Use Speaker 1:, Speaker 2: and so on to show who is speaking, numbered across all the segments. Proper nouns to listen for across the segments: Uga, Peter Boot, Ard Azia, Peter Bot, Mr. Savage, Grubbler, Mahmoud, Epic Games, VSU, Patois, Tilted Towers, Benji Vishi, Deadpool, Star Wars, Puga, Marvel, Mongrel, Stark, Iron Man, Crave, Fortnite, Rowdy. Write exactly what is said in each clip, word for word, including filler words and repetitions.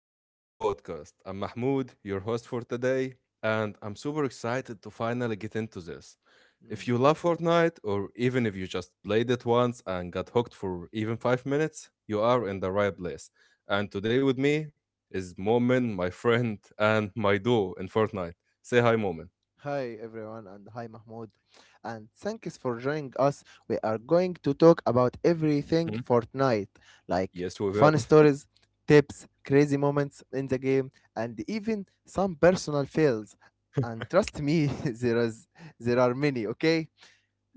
Speaker 1: back to our podcast. I'm Mahmoud, your host for today, and I'm super excited to finally get into this. If you
Speaker 2: Mm.
Speaker 1: love Fortnite, or even if you just played it once and got hooked for even five minutes, you are in the right place. And today with me is Momin, my friend, and my duo in Fortnite. Say hi, Momin.
Speaker 2: Hi everyone and hi Mahmoud, and thanks for joining us. We are going to talk about everything
Speaker 1: Mhm.
Speaker 2: Fortnite, like
Speaker 1: Yes, we will.
Speaker 2: fun stories, tips, crazy moments in the game, and even some personal fails. And trust me, there is there are many, okay?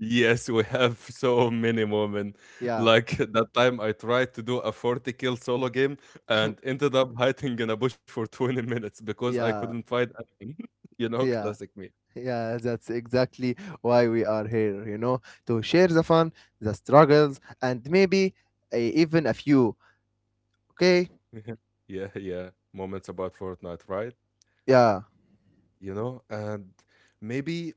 Speaker 1: Yes, we have so many moments.
Speaker 2: Yeah.
Speaker 1: Like that time I tried to do a forty kill solo game and ended up hiding in a bush for twenty minutes because I
Speaker 2: Yeah.
Speaker 1: couldn't find anything. You know,
Speaker 2: Yeah.
Speaker 1: classic me.
Speaker 2: Yeah, that's exactly why we are here, you know, to share the fun, the struggles, and maybe uh, even a few, okay?
Speaker 1: Yeah, yeah. Moments about Fortnite, right?
Speaker 2: Yeah.
Speaker 1: you know and maybe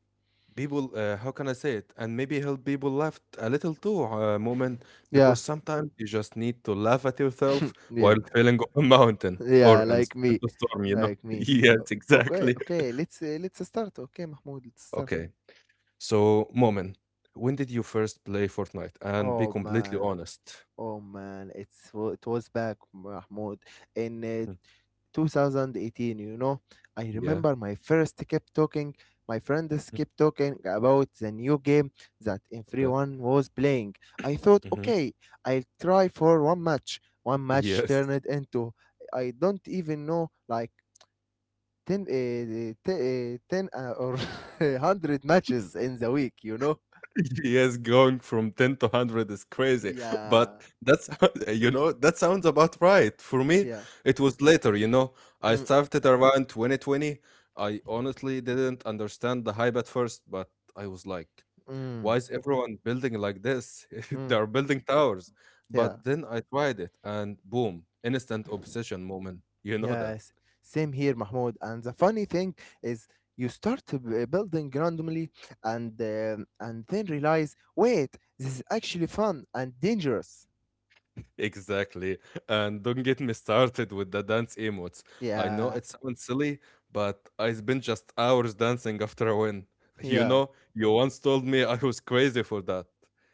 Speaker 1: people, uh, how can I say it, and maybe help people laugh a little too, uh, moment,
Speaker 2: Yeah.
Speaker 1: because sometimes you just need to laugh at yourself
Speaker 2: yeah,
Speaker 1: while feeling up a mountain or
Speaker 2: yeah,
Speaker 1: in a s-
Speaker 2: like
Speaker 1: in
Speaker 2: me
Speaker 1: a storm, you know?
Speaker 2: like me
Speaker 1: Yes,
Speaker 2: O- okay
Speaker 1: exactly.
Speaker 2: okay let's uh, let's start. Okay, Mahmoud, let's start.
Speaker 1: Okay, so, moment, when did you first play Fortnite? And be
Speaker 2: Oh
Speaker 1: completely
Speaker 2: man,
Speaker 1: honest.
Speaker 2: oh man, it's wa- it was back, Mahmoud, in uh,
Speaker 1: Mhm.
Speaker 2: twenty eighteen, you know. I
Speaker 1: Yeah.
Speaker 2: remember my first kept talking my friends
Speaker 1: Mhm.
Speaker 2: kept talking about the new game that
Speaker 1: Okay.
Speaker 2: everyone was playing. I thought,
Speaker 1: Hmm.
Speaker 2: okay, I'll try for one match. One match
Speaker 1: Yes.
Speaker 2: turned into, I don't even know, like, ten, uh, t- uh, ten uh, or one hundred matches in the week, you know?
Speaker 1: Yes, going from ten to one hundred is crazy.
Speaker 2: Yeah,
Speaker 1: But that's, you know, that sounds about right. For me,
Speaker 2: yeah.
Speaker 1: it was later, you know. I
Speaker 2: Mm,
Speaker 1: started around twenty twenty. I honestly didn't understand the hype at first, but I was like,
Speaker 2: mm,
Speaker 1: why is everyone building like this?
Speaker 2: mm,
Speaker 1: They are building towers.
Speaker 2: yeah.
Speaker 1: But then I tried it and boom, instant obsession moment. You know
Speaker 2: Yes, same here, Mahmoud. And the funny thing is, you start to b- eh, building randomly, and um and then realize, wait, this is actually fun and dangerous.
Speaker 1: Exactly. And don't get me started with the dance emotes. I know
Speaker 2: Yeah,
Speaker 1: it sounds silly, but I spent just hours dancing after a win. You
Speaker 2: yeah.
Speaker 1: know, you once told me I was crazy for that.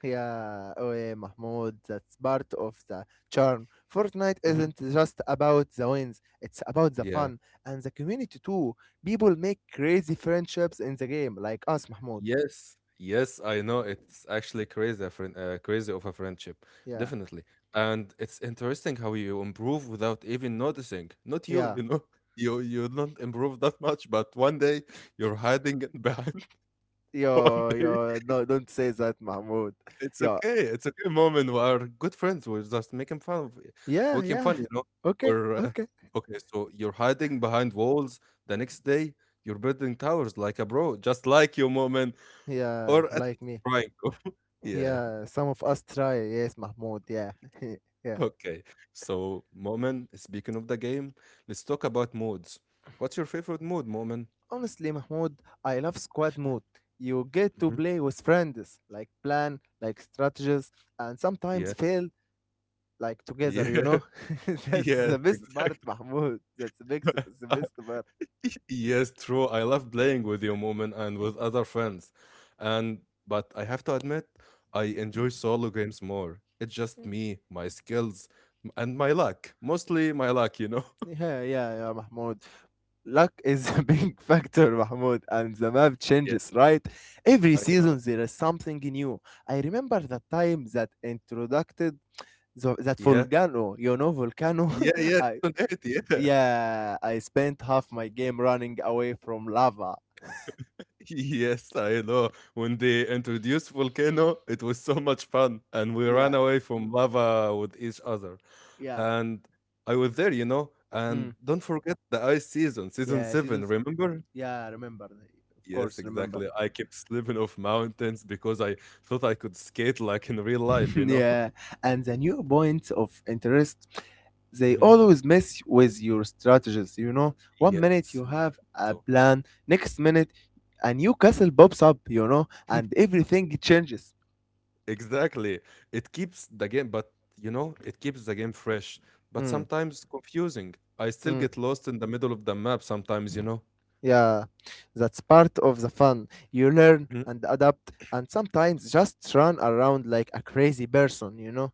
Speaker 2: Yeah, oh yeah, Mahmoud, that's part of the charm. Fortnite
Speaker 1: Mhm.
Speaker 2: isn't just about the wins, it's about the
Speaker 1: Yeah.
Speaker 2: fun and the community too. People make crazy friendships in the game, like us, Mahmoud.
Speaker 1: Yes. Yes, I know it's actually crazy, a friend, uh, crazy of a friendship,
Speaker 2: Yeah,
Speaker 1: definitely. And it's interesting how you improve without even noticing. Not you,
Speaker 2: yeah.
Speaker 1: you know, you you don't improve that much, but one day you're hiding it behind one
Speaker 2: Yo,
Speaker 1: day.
Speaker 2: yo, no, don't say that, Mahmoud.
Speaker 1: It's
Speaker 2: Yo,
Speaker 1: okay, it's okay, mom, and we are good friends. We're just making fun of it.
Speaker 2: yeah,
Speaker 1: Making
Speaker 2: yeah.
Speaker 1: fun, you know?
Speaker 2: Okay,
Speaker 1: We're uh,
Speaker 2: okay.
Speaker 1: okay, so you're hiding behind walls. The next day, you're building towers like a bro, just like your mom, and
Speaker 2: Yeah,
Speaker 1: or at
Speaker 2: like
Speaker 1: least
Speaker 2: me.
Speaker 1: trying to. Yeah.
Speaker 2: Yeah, some of us try, yes, Mahmoud, yeah. yeah.
Speaker 1: Okay. So, Momen, speaking of the game, let's talk about modes. What's your favorite mode, Momen?
Speaker 2: Honestly, Mahmoud, I love squad mode. You get to
Speaker 1: Mhm.
Speaker 2: play with friends, like plan, like strategies, and sometimes
Speaker 1: Yeah.
Speaker 2: fail, like together,
Speaker 1: Yeah.
Speaker 2: you know? That's the
Speaker 1: Yes,
Speaker 2: best part,
Speaker 1: exactly.
Speaker 2: Mahmoud. That's the best, the best part.
Speaker 1: Yes, true. I love playing with you, Moomin, and with other friends. And but I have to admit, I enjoy solo games more. It's just
Speaker 2: Mm.
Speaker 1: me, my skills, m- and my luck. Mostly my luck, you know.
Speaker 2: Yeah, yeah, yeah, Mahmoud. Luck is a big factor, Mahmoud, and the map
Speaker 1: Yeah,
Speaker 2: changes, right? Every
Speaker 1: I know.
Speaker 2: season there is something new. I remember the time that introduced the, that
Speaker 1: Yeah,
Speaker 2: volcano, you know, volcano.
Speaker 1: yeah, yeah.
Speaker 2: I
Speaker 1: Season eight, yeah.
Speaker 2: Yeah, I spent half my game running away from lava.
Speaker 1: Yes, I know. When they introduced Volcano, it was so much fun, and we ran
Speaker 2: Yeah,
Speaker 1: away from lava with each other.
Speaker 2: yeah.
Speaker 1: And I was there, you know. And
Speaker 2: Mm.
Speaker 1: don't forget the ice season, season
Speaker 2: Yeah.
Speaker 1: seven.
Speaker 2: Seasons.
Speaker 1: Remember?
Speaker 2: Yeah, remember. eh, Of
Speaker 1: Yes,
Speaker 2: course, remember.
Speaker 1: exactly. I kept slipping off mountains because I thought I could skate like in real life, you know?
Speaker 2: yeah, and the new points of interest. They
Speaker 1: Mhm.
Speaker 2: always mess with your strategies. You know, one minute
Speaker 1: Yes.
Speaker 2: you have a
Speaker 1: So
Speaker 2: plan, next minute a new castle pops up. You know, and everything changes.
Speaker 1: exactly. It keeps the game, but you know, it keeps the game fresh, but
Speaker 2: Mm,
Speaker 1: sometimes confusing. I still
Speaker 2: mm.
Speaker 1: get lost in the middle of the map sometimes, you know?
Speaker 2: Yeah, that's part of the fun. You learn
Speaker 1: Mhm.
Speaker 2: and adapt and sometimes just run around like a crazy person, you know?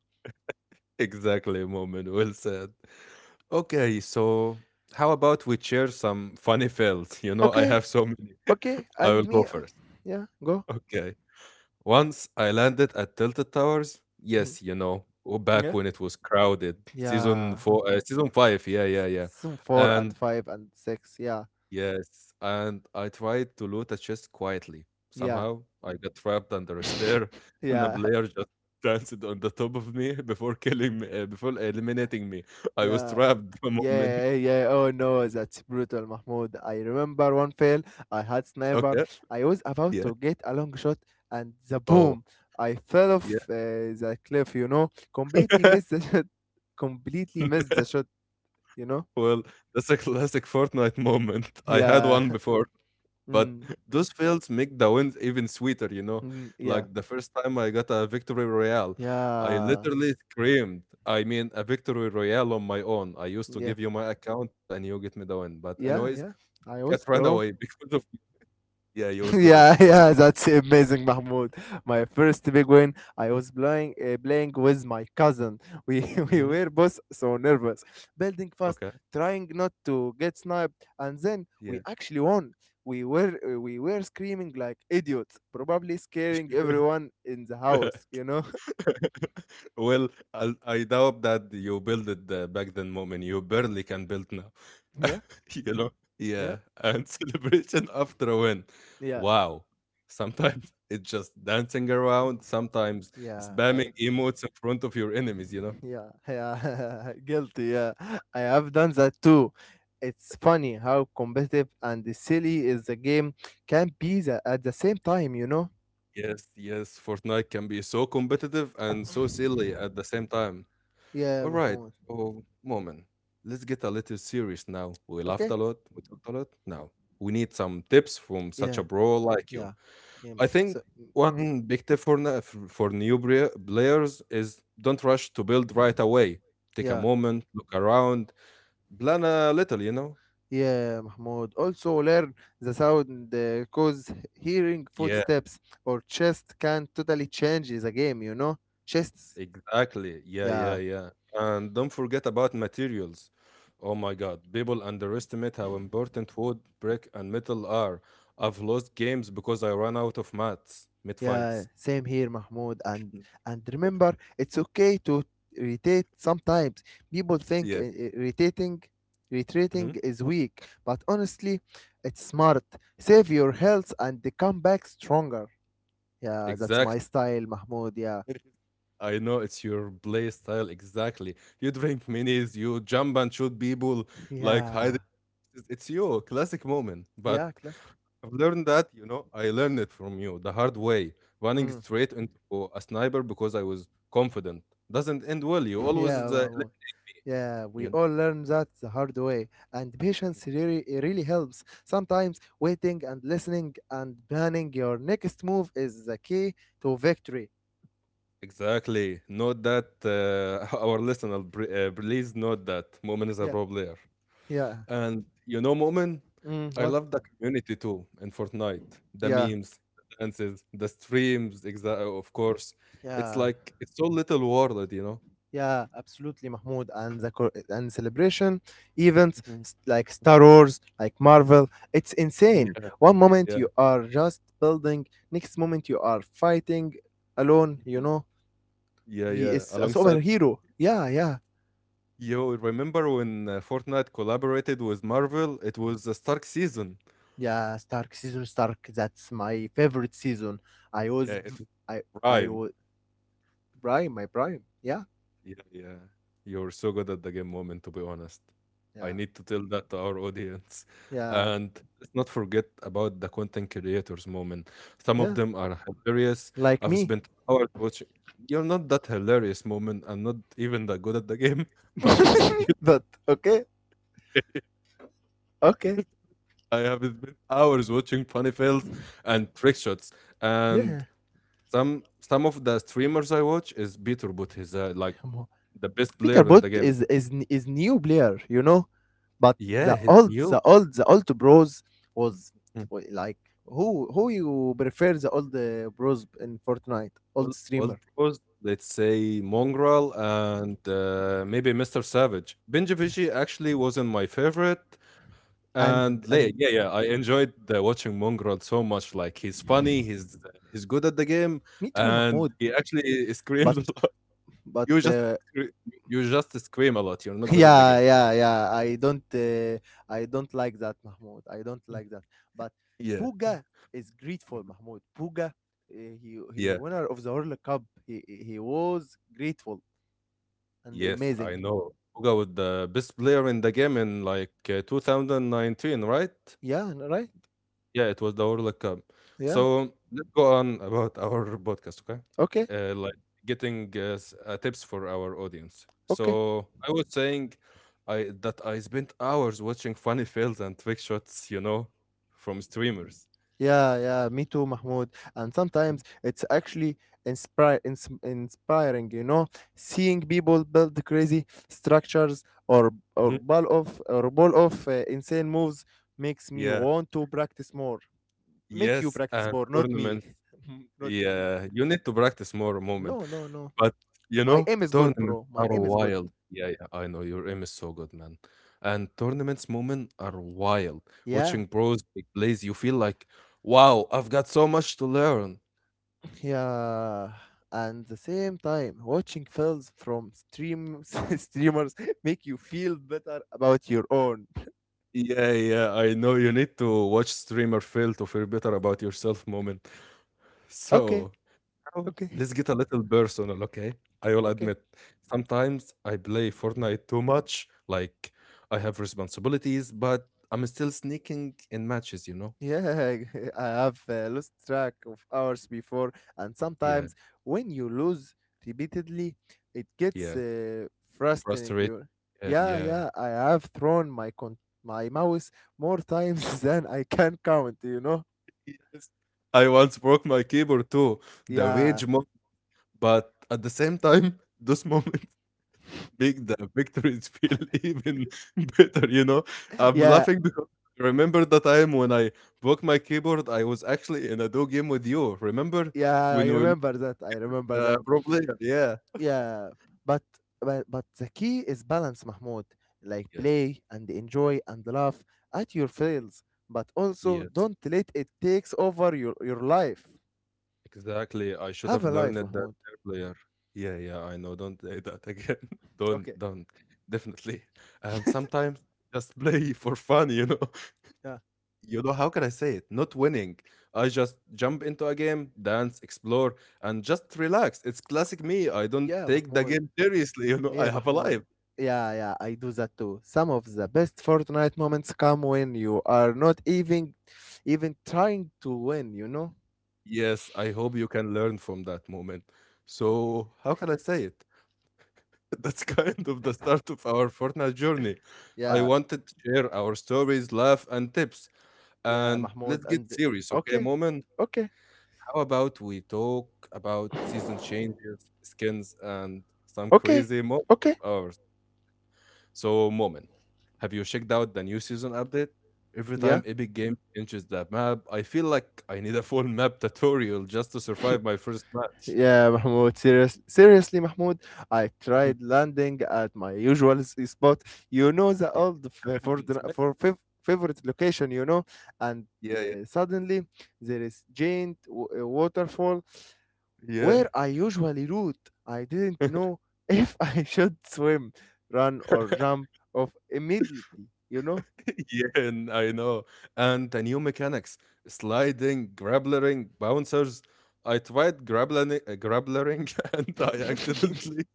Speaker 1: Exactly, moment. Well said. Okay, so how about we share some funny fails? You know, I
Speaker 2: Okay,
Speaker 1: have so many.
Speaker 2: okay,
Speaker 1: I
Speaker 2: and
Speaker 1: will go
Speaker 2: me, uh,
Speaker 1: first.
Speaker 2: yeah, go.
Speaker 1: Okay. Once I landed at Tilted Towers,
Speaker 2: Mhm.
Speaker 1: yes, you know, w- back
Speaker 2: Yeah?
Speaker 1: when it was crowded, season
Speaker 2: Yeah,
Speaker 1: four, uh, season five, yeah,
Speaker 2: s-
Speaker 1: yeah, yeah,
Speaker 2: season four and
Speaker 1: and
Speaker 2: five and six, yeah,
Speaker 1: yes, and I tried to loot a chest quietly.
Speaker 2: yeah,
Speaker 1: Somehow I got trapped under a stair, and a
Speaker 2: yeah,
Speaker 1: player just danced on the top of me before killing me, uh, before eliminating me. I was
Speaker 2: yeah.
Speaker 1: trapped the moment.
Speaker 2: Yeah, yeah, yeah. Oh no, that's brutal, Mahmoud. I remember one fail. I had sniper.
Speaker 1: Okay,
Speaker 2: I was about
Speaker 1: yeah,
Speaker 2: to get a long shot, and the
Speaker 1: oh,
Speaker 2: boom! I fell off
Speaker 1: yeah.
Speaker 2: uh, the cliff. You know, completely missed the shot. Completely missed the shot. You know?
Speaker 1: Well, that's a classic Fortnite moment. I had
Speaker 2: Yeah.
Speaker 1: one before. But
Speaker 2: Mm,
Speaker 1: those fails make the wins even sweeter, you know?
Speaker 2: mm, yeah.
Speaker 1: Like the first time I got a victory royale, I
Speaker 2: Yeah.
Speaker 1: literally screamed. I mean, a victory royale on my own. I used to
Speaker 2: Yeah.
Speaker 1: give you my account and you get me the win. But, anyways,
Speaker 2: Yeah. Yeah. I
Speaker 1: cat
Speaker 2: was,
Speaker 1: ran away
Speaker 2: bro.
Speaker 1: because of. Yeah, you was good at
Speaker 2: yeah,
Speaker 1: the game.
Speaker 2: yeah, that's amazing, Mahmoud. My first big win. I was playing uh, playing with my cousin. We we
Speaker 1: Hmm.
Speaker 2: were both so nervous, building fast,
Speaker 1: Okay.
Speaker 2: trying not to get sniped, and then we
Speaker 1: Yeah.
Speaker 2: actually won. We were uh, we were screaming like idiots, probably scaring everyone in the house. You know?
Speaker 1: Well, I I doubt that you built it uh, back then, Moment. You barely can build now.
Speaker 2: yeah,
Speaker 1: You know?
Speaker 2: yeah,
Speaker 1: Yeah. And celebration after a win.
Speaker 2: yeah,
Speaker 1: Wow. Sometimes it's just dancing around, sometimes
Speaker 2: yeah. I
Speaker 1: spamming emotes in front of your enemies, you know?
Speaker 2: Yeah, yeah, guilty. Yeah, I have done that too. It's funny how competitive and silly is the game can be the, at the same time, you know?
Speaker 1: Yes, yes. Fortnite can be so competitive and so silly at the same time.
Speaker 2: Yeah,
Speaker 1: All right.
Speaker 2: Mahmoud.
Speaker 1: So, Moment, let's get a little serious now. We laughed
Speaker 2: Okay?
Speaker 1: a lot. We talked a lot. Now, we need some tips from such
Speaker 2: Yeah,
Speaker 1: a bro like
Speaker 2: yeah,
Speaker 1: you.
Speaker 2: yeah.
Speaker 1: I think
Speaker 2: So,
Speaker 1: one big tip for, na- f- for new brea- players is don't rush to build right away. Take a
Speaker 2: yeah,
Speaker 1: moment, look around, plan a little, you know?
Speaker 2: yeah, Mahmoud. Also, learn the sound, because hearing
Speaker 1: Yeah.
Speaker 2: footsteps or chest can totally change the game, you know? Chests,
Speaker 1: Exactly. Yeah, yeah,
Speaker 2: yeah.
Speaker 1: yeah. And don't forget about materials. Oh my God, people underestimate how important wood, brick, and metal are. I've lost games because I ran out of mats mid
Speaker 2: Yeah,
Speaker 1: fights.
Speaker 2: same here, Mahmoud. And and remember, it's okay to irritate sometimes. People think uh,
Speaker 1: Yeah.
Speaker 2: uh, irritating,
Speaker 1: Hmm.
Speaker 2: retreating is weak, but honestly, it's smart. Save your health and they come back stronger. Yeah, that's my
Speaker 1: Exactly.
Speaker 2: style, Mahmoud. Yeah,
Speaker 1: I know it's your play style exactly. You drink minis, you jump and shoot people like
Speaker 2: yeah,
Speaker 1: hide. It's it's you, classic moment. But
Speaker 2: yeah, class.
Speaker 1: I've learned that, you know, I learned it from you the hard way. Running straight into a sniper because I was confident doesn't end well. You always, uh,
Speaker 2: yeah, Mahmoud.
Speaker 1: eliminate me,
Speaker 2: Yeah, we
Speaker 1: you know.
Speaker 2: all learn that the hard way, and
Speaker 1: Mhm.
Speaker 2: patience really it really helps. Sometimes waiting and listening and planning your next move is the key to victory.
Speaker 1: Exactly. Note that, uh, our listener, br- uh, please note that Moment is a
Speaker 2: Yeah,
Speaker 1: pro player.
Speaker 2: yeah.
Speaker 1: And you know, Moment,
Speaker 2: Mm,
Speaker 1: I
Speaker 2: what?
Speaker 1: love the community too in Fortnite. The
Speaker 2: Yeah,
Speaker 1: memes, the dances, the streams, exa- of course. It's
Speaker 2: yeah,
Speaker 1: like it's so little world, you know.
Speaker 2: yeah. Absolutely, Mahmoud. And the co- and celebration events
Speaker 1: Mhm.
Speaker 2: s- like Star Wars, like Marvel, it's
Speaker 1: Yeah,
Speaker 2: insane. One moment
Speaker 1: yeah.
Speaker 2: you are just building, next moment you are fighting alone. You
Speaker 1: Mhm.
Speaker 2: know,
Speaker 1: Yeah, yeah.
Speaker 2: vs a
Speaker 1: Alongside,
Speaker 2: superhero. Yeah, yeah,
Speaker 1: yo, remember when, uh, Fortnite collaborated with Marvel? It was the Stark season.
Speaker 2: yeah. Stark season, Stark. That's my favorite season. I
Speaker 1: Yeah,
Speaker 2: was, v-
Speaker 1: it was
Speaker 2: I, I
Speaker 1: prime.
Speaker 2: was prime, my prime. Yeah,
Speaker 1: Yeah, yeah. You're so good at the game moment, to be honest. I
Speaker 2: yeah,
Speaker 1: need to tell that to our audience.
Speaker 2: yeah,
Speaker 1: And let's not forget about the content creators moment. Some of
Speaker 2: yeah.
Speaker 1: them are hilarious.
Speaker 2: Like
Speaker 1: I've
Speaker 2: me,
Speaker 1: spent hours watching. You're not that hilarious moment. I'm not even that good at the game, but you,
Speaker 2: but okay, okay,
Speaker 1: I have spent hours watching funny fails and trick shots.
Speaker 2: yeah.
Speaker 1: And some some of the streamers I watch is Peter Boot. He's, uh, like
Speaker 2: Come on.
Speaker 1: the best
Speaker 2: Peter
Speaker 1: player in
Speaker 2: Bot
Speaker 1: the game.
Speaker 2: is is n- is new player, you know. But
Speaker 1: Yeah,
Speaker 2: the
Speaker 1: he's
Speaker 2: old,
Speaker 1: new.
Speaker 2: the old, the old bros was
Speaker 1: Hmm.
Speaker 2: wa- like who who you prefer, the old uh, bros in Fortnite, old
Speaker 1: All, all
Speaker 2: streamer,
Speaker 1: pros, let's say Mongrel and, uh, maybe Mister Savage. Benji Vishi actually wasn't my favorite. And le-
Speaker 2: and
Speaker 1: yeah, yeah, I enjoyed, uh, watching Mongrel so much. Like he's
Speaker 2: and
Speaker 1: funny, he's, uh, he's good at the game,
Speaker 2: me too,
Speaker 1: and
Speaker 2: Mahmoud.
Speaker 1: he actually
Speaker 2: But
Speaker 1: screams a lot.
Speaker 2: but
Speaker 1: You just
Speaker 2: uh,
Speaker 1: scre- you just scream a lot. You're not good at the
Speaker 2: yeah,
Speaker 1: game.
Speaker 2: yeah, yeah. I don't uh, I don't like that, Mahmoud. I don't like that. But
Speaker 1: Yeah,
Speaker 2: Puga is grateful, Mahmoud. Puga, uh, he he
Speaker 1: yeah,
Speaker 2: winner of the World Cup. He he was grateful and
Speaker 1: yes,
Speaker 2: amazing.
Speaker 1: I know. Uga was the best player in the game in like, uh, two thousand nineteen, right?
Speaker 2: Yeah, right.
Speaker 1: Yeah, it was the World Cup.
Speaker 2: Yeah.
Speaker 1: So let's go on about our podcast, okay?
Speaker 2: Okay.
Speaker 1: Uh, like getting, uh, s- uh, tips for our audience.
Speaker 2: Okay.
Speaker 1: So I was saying, I that I spent hours watching funny fails and trick shots, you know, from streamers.
Speaker 2: Yeah, yeah, me too, Mahmoud. And sometimes it's actually inspire, ins- inspiring, you know, seeing people build crazy structures or or
Speaker 1: Mhm.
Speaker 2: ball of or ball of uh, insane moves, makes me
Speaker 1: Yeah.
Speaker 2: want to practice more. Make you
Speaker 1: Yes,
Speaker 2: practice
Speaker 1: and
Speaker 2: more, not me,
Speaker 1: tournaments.
Speaker 2: not me.
Speaker 1: Yeah, you need to practice more, Moment.
Speaker 2: No, no, no.
Speaker 1: But, you
Speaker 2: My
Speaker 1: know,
Speaker 2: aim is good,
Speaker 1: tournaments
Speaker 2: bro. My
Speaker 1: are
Speaker 2: aim is good.
Speaker 1: wild. Yeah, yeah, I know. Your aim is so good, man. And tournaments, Moment, are wild.
Speaker 2: Yeah,
Speaker 1: Watching pros take plays, you feel like, wow, I've got so much to learn.
Speaker 2: yeah. And the same time, watching films from stream streamers make you feel better about your own.
Speaker 1: Yeah, yeah, I know. You need to watch streamer fail to feel better about yourself, Moment.
Speaker 2: Okay,
Speaker 1: So. Oh,
Speaker 2: okay,
Speaker 1: let's get a little personal, okay? I will
Speaker 2: okay.
Speaker 1: admit, sometimes I play Fortnite too much. Like, I have responsibilities, but I'm still sneaking in matches, you know?
Speaker 2: Yeah, I have uh, lost track of hours before, and
Speaker 1: Yeah,
Speaker 2: sometimes when you lose repeatedly, it gets
Speaker 1: yeah.
Speaker 2: uh, frustrating.
Speaker 1: Frustrated.
Speaker 2: You,
Speaker 1: Yeah,
Speaker 2: yeah,
Speaker 1: yeah.
Speaker 2: yeah. I have thrown my con- my mouse more times than I can count. You know.
Speaker 1: Yes. I once broke my keyboard too, the
Speaker 2: Yeah,
Speaker 1: rage mob, but at the same time, those moments make the victories feel even better, you know? I'm
Speaker 2: yeah,
Speaker 1: laughing because I remember the time when I broke my keyboard, I was actually in a duo game with you. Remember
Speaker 2: yeah.
Speaker 1: when
Speaker 2: I
Speaker 1: we were,
Speaker 2: remember that. I remember
Speaker 1: uh,
Speaker 2: that.
Speaker 1: pro player? Yeah.
Speaker 2: Yeah, but but but the key is balance, Mahmoud. Like
Speaker 1: Yes.
Speaker 2: play and enjoy and laugh at your
Speaker 1: Mhm.
Speaker 2: fails, but also
Speaker 1: Yes.
Speaker 2: don't let it takes over your your life.
Speaker 1: Exactly. I should
Speaker 2: Have
Speaker 1: have
Speaker 2: a
Speaker 1: learned
Speaker 2: life,
Speaker 1: that there
Speaker 2: Mahmoud.
Speaker 1: player. Yeah, yeah, I know. Don't say that again. Don't,
Speaker 2: Okay.
Speaker 1: don't. Definitely. And sometimes just play for fun, you know?
Speaker 2: Yeah.
Speaker 1: You know, how can I say it? Not winning. I just jump into a game, dance, explore, and just relax. It's classic me. I don't
Speaker 2: Yeah,
Speaker 1: take the
Speaker 2: Mahmoud.
Speaker 1: game seriously. You know,
Speaker 2: Yeah,
Speaker 1: I have a
Speaker 2: Mahmoud.
Speaker 1: life.
Speaker 2: Yeah, yeah, I do that too. Some of the best Fortnite moments come when you are not even even trying to win, you know?
Speaker 1: Yes, I hope you can learn from that moment.
Speaker 2: Okay.
Speaker 1: So, how can I say it? That's kind of the start of our Fortnite journey. I
Speaker 2: Yeah,
Speaker 1: wanted to share our stories, laugh, and tips.
Speaker 2: yeah,
Speaker 1: And
Speaker 2: Mahmoud,
Speaker 1: let's get
Speaker 2: and
Speaker 1: serious, okay,
Speaker 2: okay.
Speaker 1: Moment?
Speaker 2: Okay.
Speaker 1: How about we talk about season changes, skins, and some
Speaker 2: Okay.
Speaker 1: crazy moments?
Speaker 2: Okay.
Speaker 1: So, Moment, have you checked out the new season update? Every
Speaker 2: Yeah.
Speaker 1: time Epic Games changes the map, I feel like I need a full map tutorial just to survive my first match.
Speaker 2: Yeah, Mahmoud, serious, seriously, Mahmoud, I tried landing at my usual s- spot. You know, the
Speaker 1: Yeah,
Speaker 2: old f- for
Speaker 1: that's
Speaker 2: the,
Speaker 1: right?
Speaker 2: for fav- favorite location, you know, and
Speaker 1: Yeah, yeah.
Speaker 2: uh, suddenly there is giant w- uh, waterfall
Speaker 1: Yeah.
Speaker 2: where I usually root. I didn't know if I should swim, run, or jump off immediately, you know?
Speaker 1: Yeah, and I know. And the new mechanics sliding, grapplering, bouncers. I tried grappling, uh, grapplering and I accidentally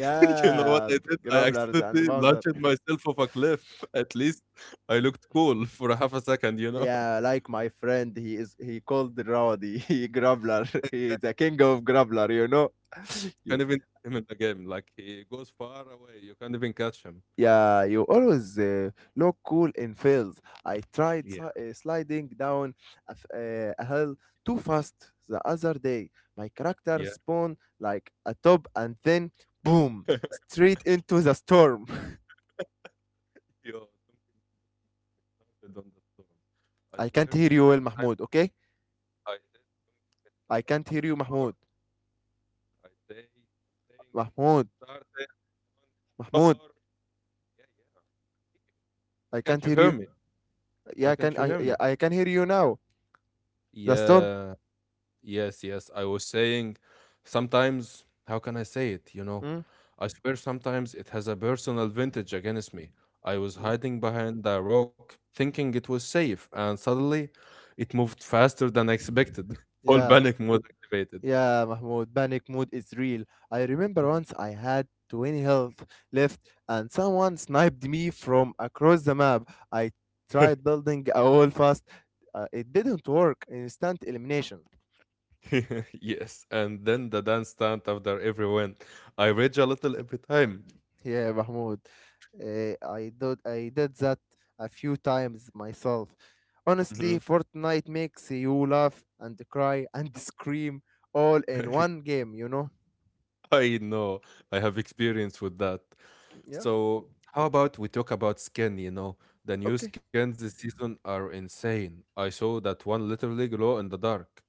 Speaker 1: you know what I did? I
Speaker 2: grapplers and
Speaker 1: accidentally
Speaker 2: bouncers.
Speaker 1: launched myself off a cliff. At least I looked cool for a half a second, you know?
Speaker 2: Yeah, like my friend, he is he called Rowdy, he Grubbler, he is the king of Grubbler, you know. You,
Speaker 1: Can't even see him in the game. Like, he goes far away. You can't even catch him.
Speaker 2: yeah, you always uh, look cool in fields. I tried
Speaker 1: Yeah.
Speaker 2: si- uh, sliding down a, f- uh, a hill too fast the other day. My character
Speaker 1: Yeah.
Speaker 2: spawned like a top and then boom, straight into the storm.
Speaker 1: Yo, Duncan started on the storm. I
Speaker 2: I can't
Speaker 1: swear,
Speaker 2: hear you well,
Speaker 1: sometimes
Speaker 2: Mahmoud, okay?
Speaker 1: I said, don't get me
Speaker 2: I
Speaker 1: started on
Speaker 2: can't
Speaker 1: the
Speaker 2: hear you,
Speaker 1: storm.
Speaker 2: Mahmoud.
Speaker 1: I say, I'm saying, don't get me
Speaker 2: Mahmoud,
Speaker 1: started on the
Speaker 2: Mahmoud,
Speaker 1: storm. Yeah, yeah. I'm speaking. Why
Speaker 2: I
Speaker 1: can't
Speaker 2: can't
Speaker 1: you
Speaker 2: hear
Speaker 1: hear
Speaker 2: you.
Speaker 1: me? Why
Speaker 2: Yeah, I
Speaker 1: can't
Speaker 2: can
Speaker 1: you hear
Speaker 2: I
Speaker 1: me?
Speaker 2: yeah, I can hear you now. The storm?
Speaker 1: Yeah. Yes, yes. I was saying sometimes, how can I say it? You know,
Speaker 2: Mm?
Speaker 1: I swear sometimes it has a personal vintage against me. I was
Speaker 2: Yeah.
Speaker 1: hiding behind a rock thinking it was safe, and suddenly it moved faster than expected. Full
Speaker 2: Yeah,
Speaker 1: panic mode activated.
Speaker 2: yeah, Mahmoud. Panic mood is real. I remember
Speaker 1: Mhm.
Speaker 2: once I had twenty health left and someone sniped me from across the map. I tried building a wall fast. Uh, it didn't work. Instant elimination.
Speaker 1: Yes, and then the dance stand after every win. I rage a little every time.
Speaker 2: Yeah, Mahmoud. Uh, I did I did that a few times myself. Honestly,
Speaker 1: Mhm.
Speaker 2: Fortnite makes you laugh and cry and scream all in one game, you know?
Speaker 1: I know. I have experience with that.
Speaker 2: Yeah.
Speaker 1: So, how about we talk about skin? You know, the new
Speaker 2: Okay.
Speaker 1: skins this season are insane. I saw that one literally glow in the dark.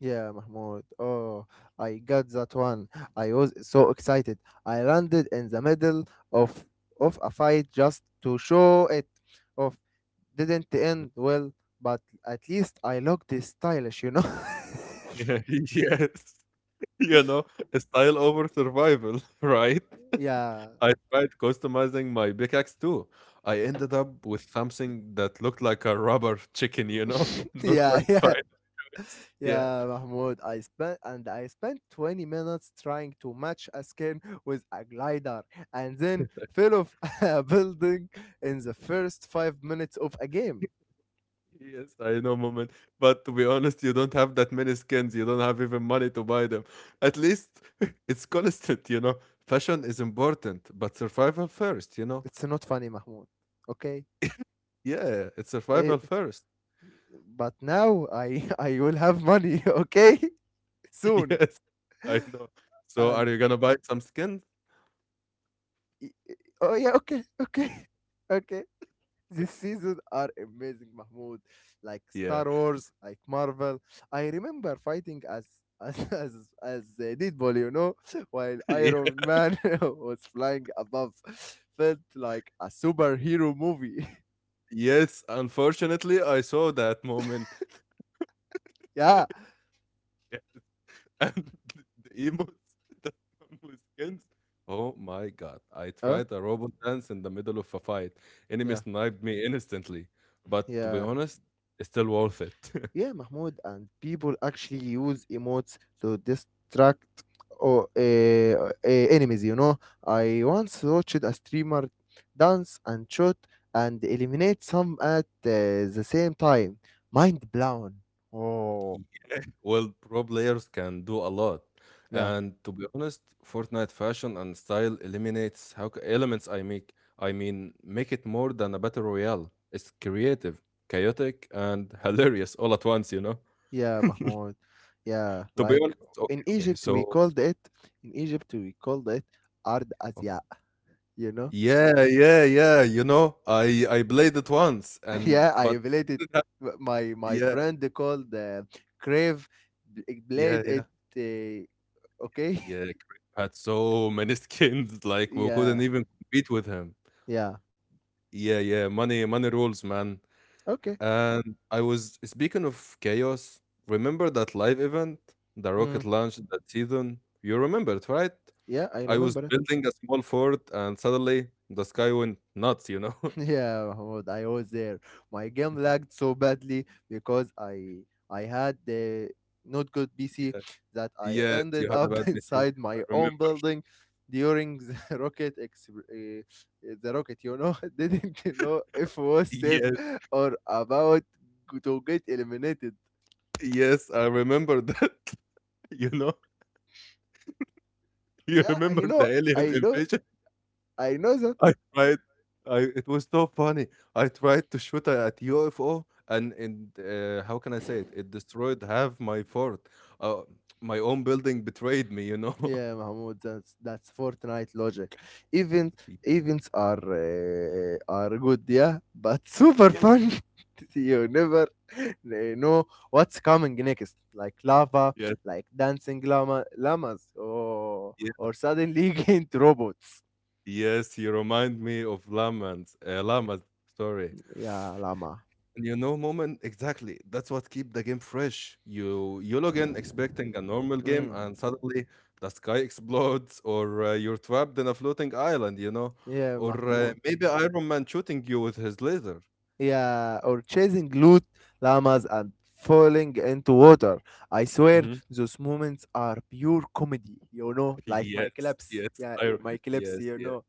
Speaker 2: Yeah, Mahmoud. Oh, I got that one. I was so excited. I landed in the middle of of a fight just to show it off. Didn't
Speaker 1: Mhm.
Speaker 2: end well, but at least I looked stylish, you know.
Speaker 1: Yeah, yes. You know, style over survival, right?
Speaker 2: yeah,
Speaker 1: I tried customizing my pickaxe too. I ended up with something that looked like a rubber chicken, you know, not
Speaker 2: yeah,
Speaker 1: my
Speaker 2: yeah,
Speaker 1: finest. Yeah.
Speaker 2: yeah, Mahmoud. I spent and I spent twenty minutes trying to match a skin with a glider, and then fell off a building in the first five minutes of a game.
Speaker 1: Yes, I know, moment. But to be honest, you don't have that many skins. You don't have even money to buy them. At least it's constant, you know. Fashion is important, but survival first, you know.
Speaker 2: It's not funny, Mahmoud. Okay.
Speaker 1: Yeah, it's
Speaker 2: Eh,
Speaker 1: survival first.
Speaker 2: but now I I will have money, okay? Soon.
Speaker 1: Yes, I know. So are
Speaker 2: And
Speaker 1: you gonna buy some skins?
Speaker 2: y- y- oh yeah, okay, okay, okay. This season are amazing, Mahmoud. Like
Speaker 1: Yeah.
Speaker 2: Star Wars, like Marvel. I remember fighting as as as, as uh, Deadpool, you know, while
Speaker 1: Yeah.
Speaker 2: Iron Man was flying above. Felt like a superhero movie.
Speaker 1: Yes, unfortunately, I saw that moment.
Speaker 2: yeah.
Speaker 1: And the emotes that come with skins. Oh my god. I
Speaker 2: Huh?
Speaker 1: tried a robot dance in the middle of a fight. Enemy
Speaker 2: Yeah.
Speaker 1: sniped me instantly. But to be
Speaker 2: Yeah.
Speaker 1: honest, it's still worth it.
Speaker 2: Yeah, Mahmoud, and people actually use emotes to distract or uh, uh, enemies. You know, I once watched a streamer dance and shoot and eliminate some at uh, the same time. Mind blown. Oh,
Speaker 1: Well, pro players can do a lot.
Speaker 2: yeah,
Speaker 1: And to be honest, Fortnite fashion and style eliminates how c- elements I make. I mean, make it more than a battle royale. It's creative, chaotic, and hilarious all at once, you know?
Speaker 2: yeah, Mahmoud. Yeah,
Speaker 1: To be
Speaker 2: like
Speaker 1: honest okay,
Speaker 2: in
Speaker 1: okay,
Speaker 2: Egypt we
Speaker 1: so
Speaker 2: called it. In Egypt we called it Ard
Speaker 1: okay.
Speaker 2: Azia. You know.
Speaker 1: Yeah, yeah, yeah, you know, I I played it once and
Speaker 2: Yeah, I
Speaker 1: but I
Speaker 2: related,
Speaker 1: didn't have
Speaker 2: my my
Speaker 1: yeah,
Speaker 2: friend called uh, Crave b- played
Speaker 1: yeah, yeah,
Speaker 2: it. Uh, okay,
Speaker 1: yeah, Creep had so many skins, like, we
Speaker 2: yeah,
Speaker 1: couldn't even compete with him.
Speaker 2: yeah,
Speaker 1: Yeah, yeah, money money rules, man,
Speaker 2: okay,
Speaker 1: and I was speaking of chaos, remember that live event, the
Speaker 2: mm,
Speaker 1: rocket launch that season? You remember it, right?
Speaker 2: yeah, I
Speaker 1: I was
Speaker 2: remember it.
Speaker 1: building a small fort and suddenly the sky went nuts, you know?
Speaker 2: Yeah, Mahmoud, I was there. My game lagged so badly because I I had the not good P C,
Speaker 1: Yeah.
Speaker 2: that I
Speaker 1: Yes, you
Speaker 2: ended
Speaker 1: had a
Speaker 2: up
Speaker 1: bad meeting.
Speaker 2: inside
Speaker 1: I
Speaker 2: my
Speaker 1: remember.
Speaker 2: own building during the rocket ex uh, the rocket, you know, didn't know if was safe
Speaker 1: Yes,
Speaker 2: or about to get eliminated.
Speaker 1: yes, I remember that. You know, you
Speaker 2: Yeah, I
Speaker 1: remember the
Speaker 2: know,
Speaker 1: alien
Speaker 2: I know,
Speaker 1: invasion?
Speaker 2: I know that.
Speaker 1: I tried. I it was so funny. I tried to shoot at U F O, and and uh, how can I say it? It destroyed half my fort. Uh, my own building betrayed me. You know.
Speaker 2: Yeah, Mahmoud, that's that's Fortnite logic. Event
Speaker 1: Y-
Speaker 2: Events are uh, are good, yeah, but super
Speaker 1: yes,
Speaker 2: fun. You never uh, know what's coming next, like lava,
Speaker 1: yes,
Speaker 2: like dancing llama llamas, or
Speaker 1: yes,
Speaker 2: or suddenly into robots.
Speaker 1: yes. You remind me of llamas. Uh, llamas. Sorry.
Speaker 2: Yeah, llama.
Speaker 1: You know moment exactly. That's what keep the game fresh. You you log in expecting a normal game
Speaker 2: Mm.
Speaker 1: and suddenly the sky explodes or uh, you're trapped in a floating island, you know?
Speaker 2: Yeah,
Speaker 1: Or uh,
Speaker 2: Mahmoud.
Speaker 1: mm. Maybe Iron Man shooting you with his laser.
Speaker 2: Yeah, or chasing loot llamas and falling into water. I swear
Speaker 1: Hmm.
Speaker 2: those moments are pure comedy, you know, like my
Speaker 1: Yes,
Speaker 2: clips.
Speaker 1: yes,
Speaker 2: Yeah, eh,
Speaker 1: I,
Speaker 2: my clips,
Speaker 1: yes,
Speaker 2: you
Speaker 1: yes,
Speaker 2: know.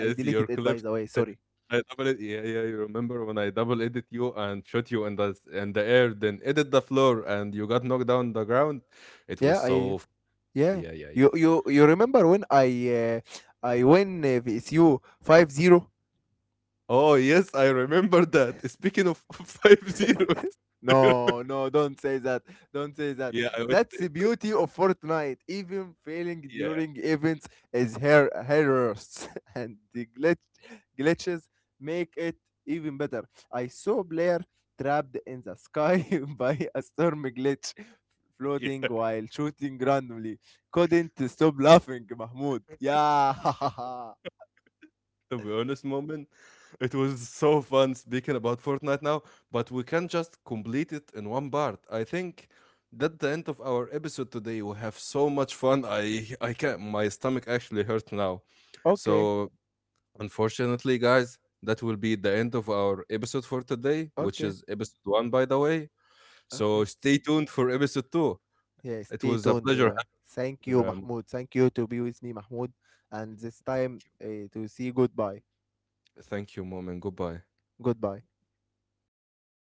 Speaker 2: I
Speaker 1: your
Speaker 2: deleted it by
Speaker 1: clips.
Speaker 2: the way,
Speaker 1: I
Speaker 2: sorry.
Speaker 1: I double it. Yeah, yeah. You remember when I double edit you and shot you in the s- in the air, then edit the floor, and you got knocked down the ground. It was
Speaker 2: Yeah,
Speaker 1: so.
Speaker 2: I
Speaker 1: F-
Speaker 2: yeah.
Speaker 1: Yeah, yeah, yeah.
Speaker 2: You you you remember when I uh, I won uh, V S U five zero?
Speaker 1: Oh yes, I remember that. Speaking of five zeros, I remember-
Speaker 2: No, no, don't say that. Don't say that.
Speaker 1: yeah, I was.
Speaker 2: That's the beauty of Fortnite. Even failing
Speaker 1: Yeah,
Speaker 2: during events is her errors, and the glitch glitches make it even better. I saw Blair trapped in the sky by a storm glitch, floating
Speaker 1: yeah.
Speaker 2: while shooting randomly. Couldn't stop laughing, Mahmoud. Yeah.
Speaker 1: To be honest, moment, it was so fun speaking about Fortnite now, but we can't just complete it in one part. I think that the end of our episode today. We have so much fun. I I can't. My stomach actually hurts now.
Speaker 2: okay.
Speaker 1: So unfortunately, guys, that will be the end of our episode for today, which
Speaker 2: Okay.
Speaker 1: is episode one, by the way. So
Speaker 2: Okay.
Speaker 1: stay tuned for episode two.
Speaker 2: Yeah,
Speaker 1: It
Speaker 2: stay
Speaker 1: was a
Speaker 2: tuned.
Speaker 1: pleasure
Speaker 2: Uh, thank
Speaker 1: having
Speaker 2: you,
Speaker 1: you. Um,
Speaker 2: Mahmoud. Thank you to be with me, Mahmoud. And this time uh, to see goodbye.
Speaker 1: thank you, mom, and goodbye.
Speaker 2: Goodbye.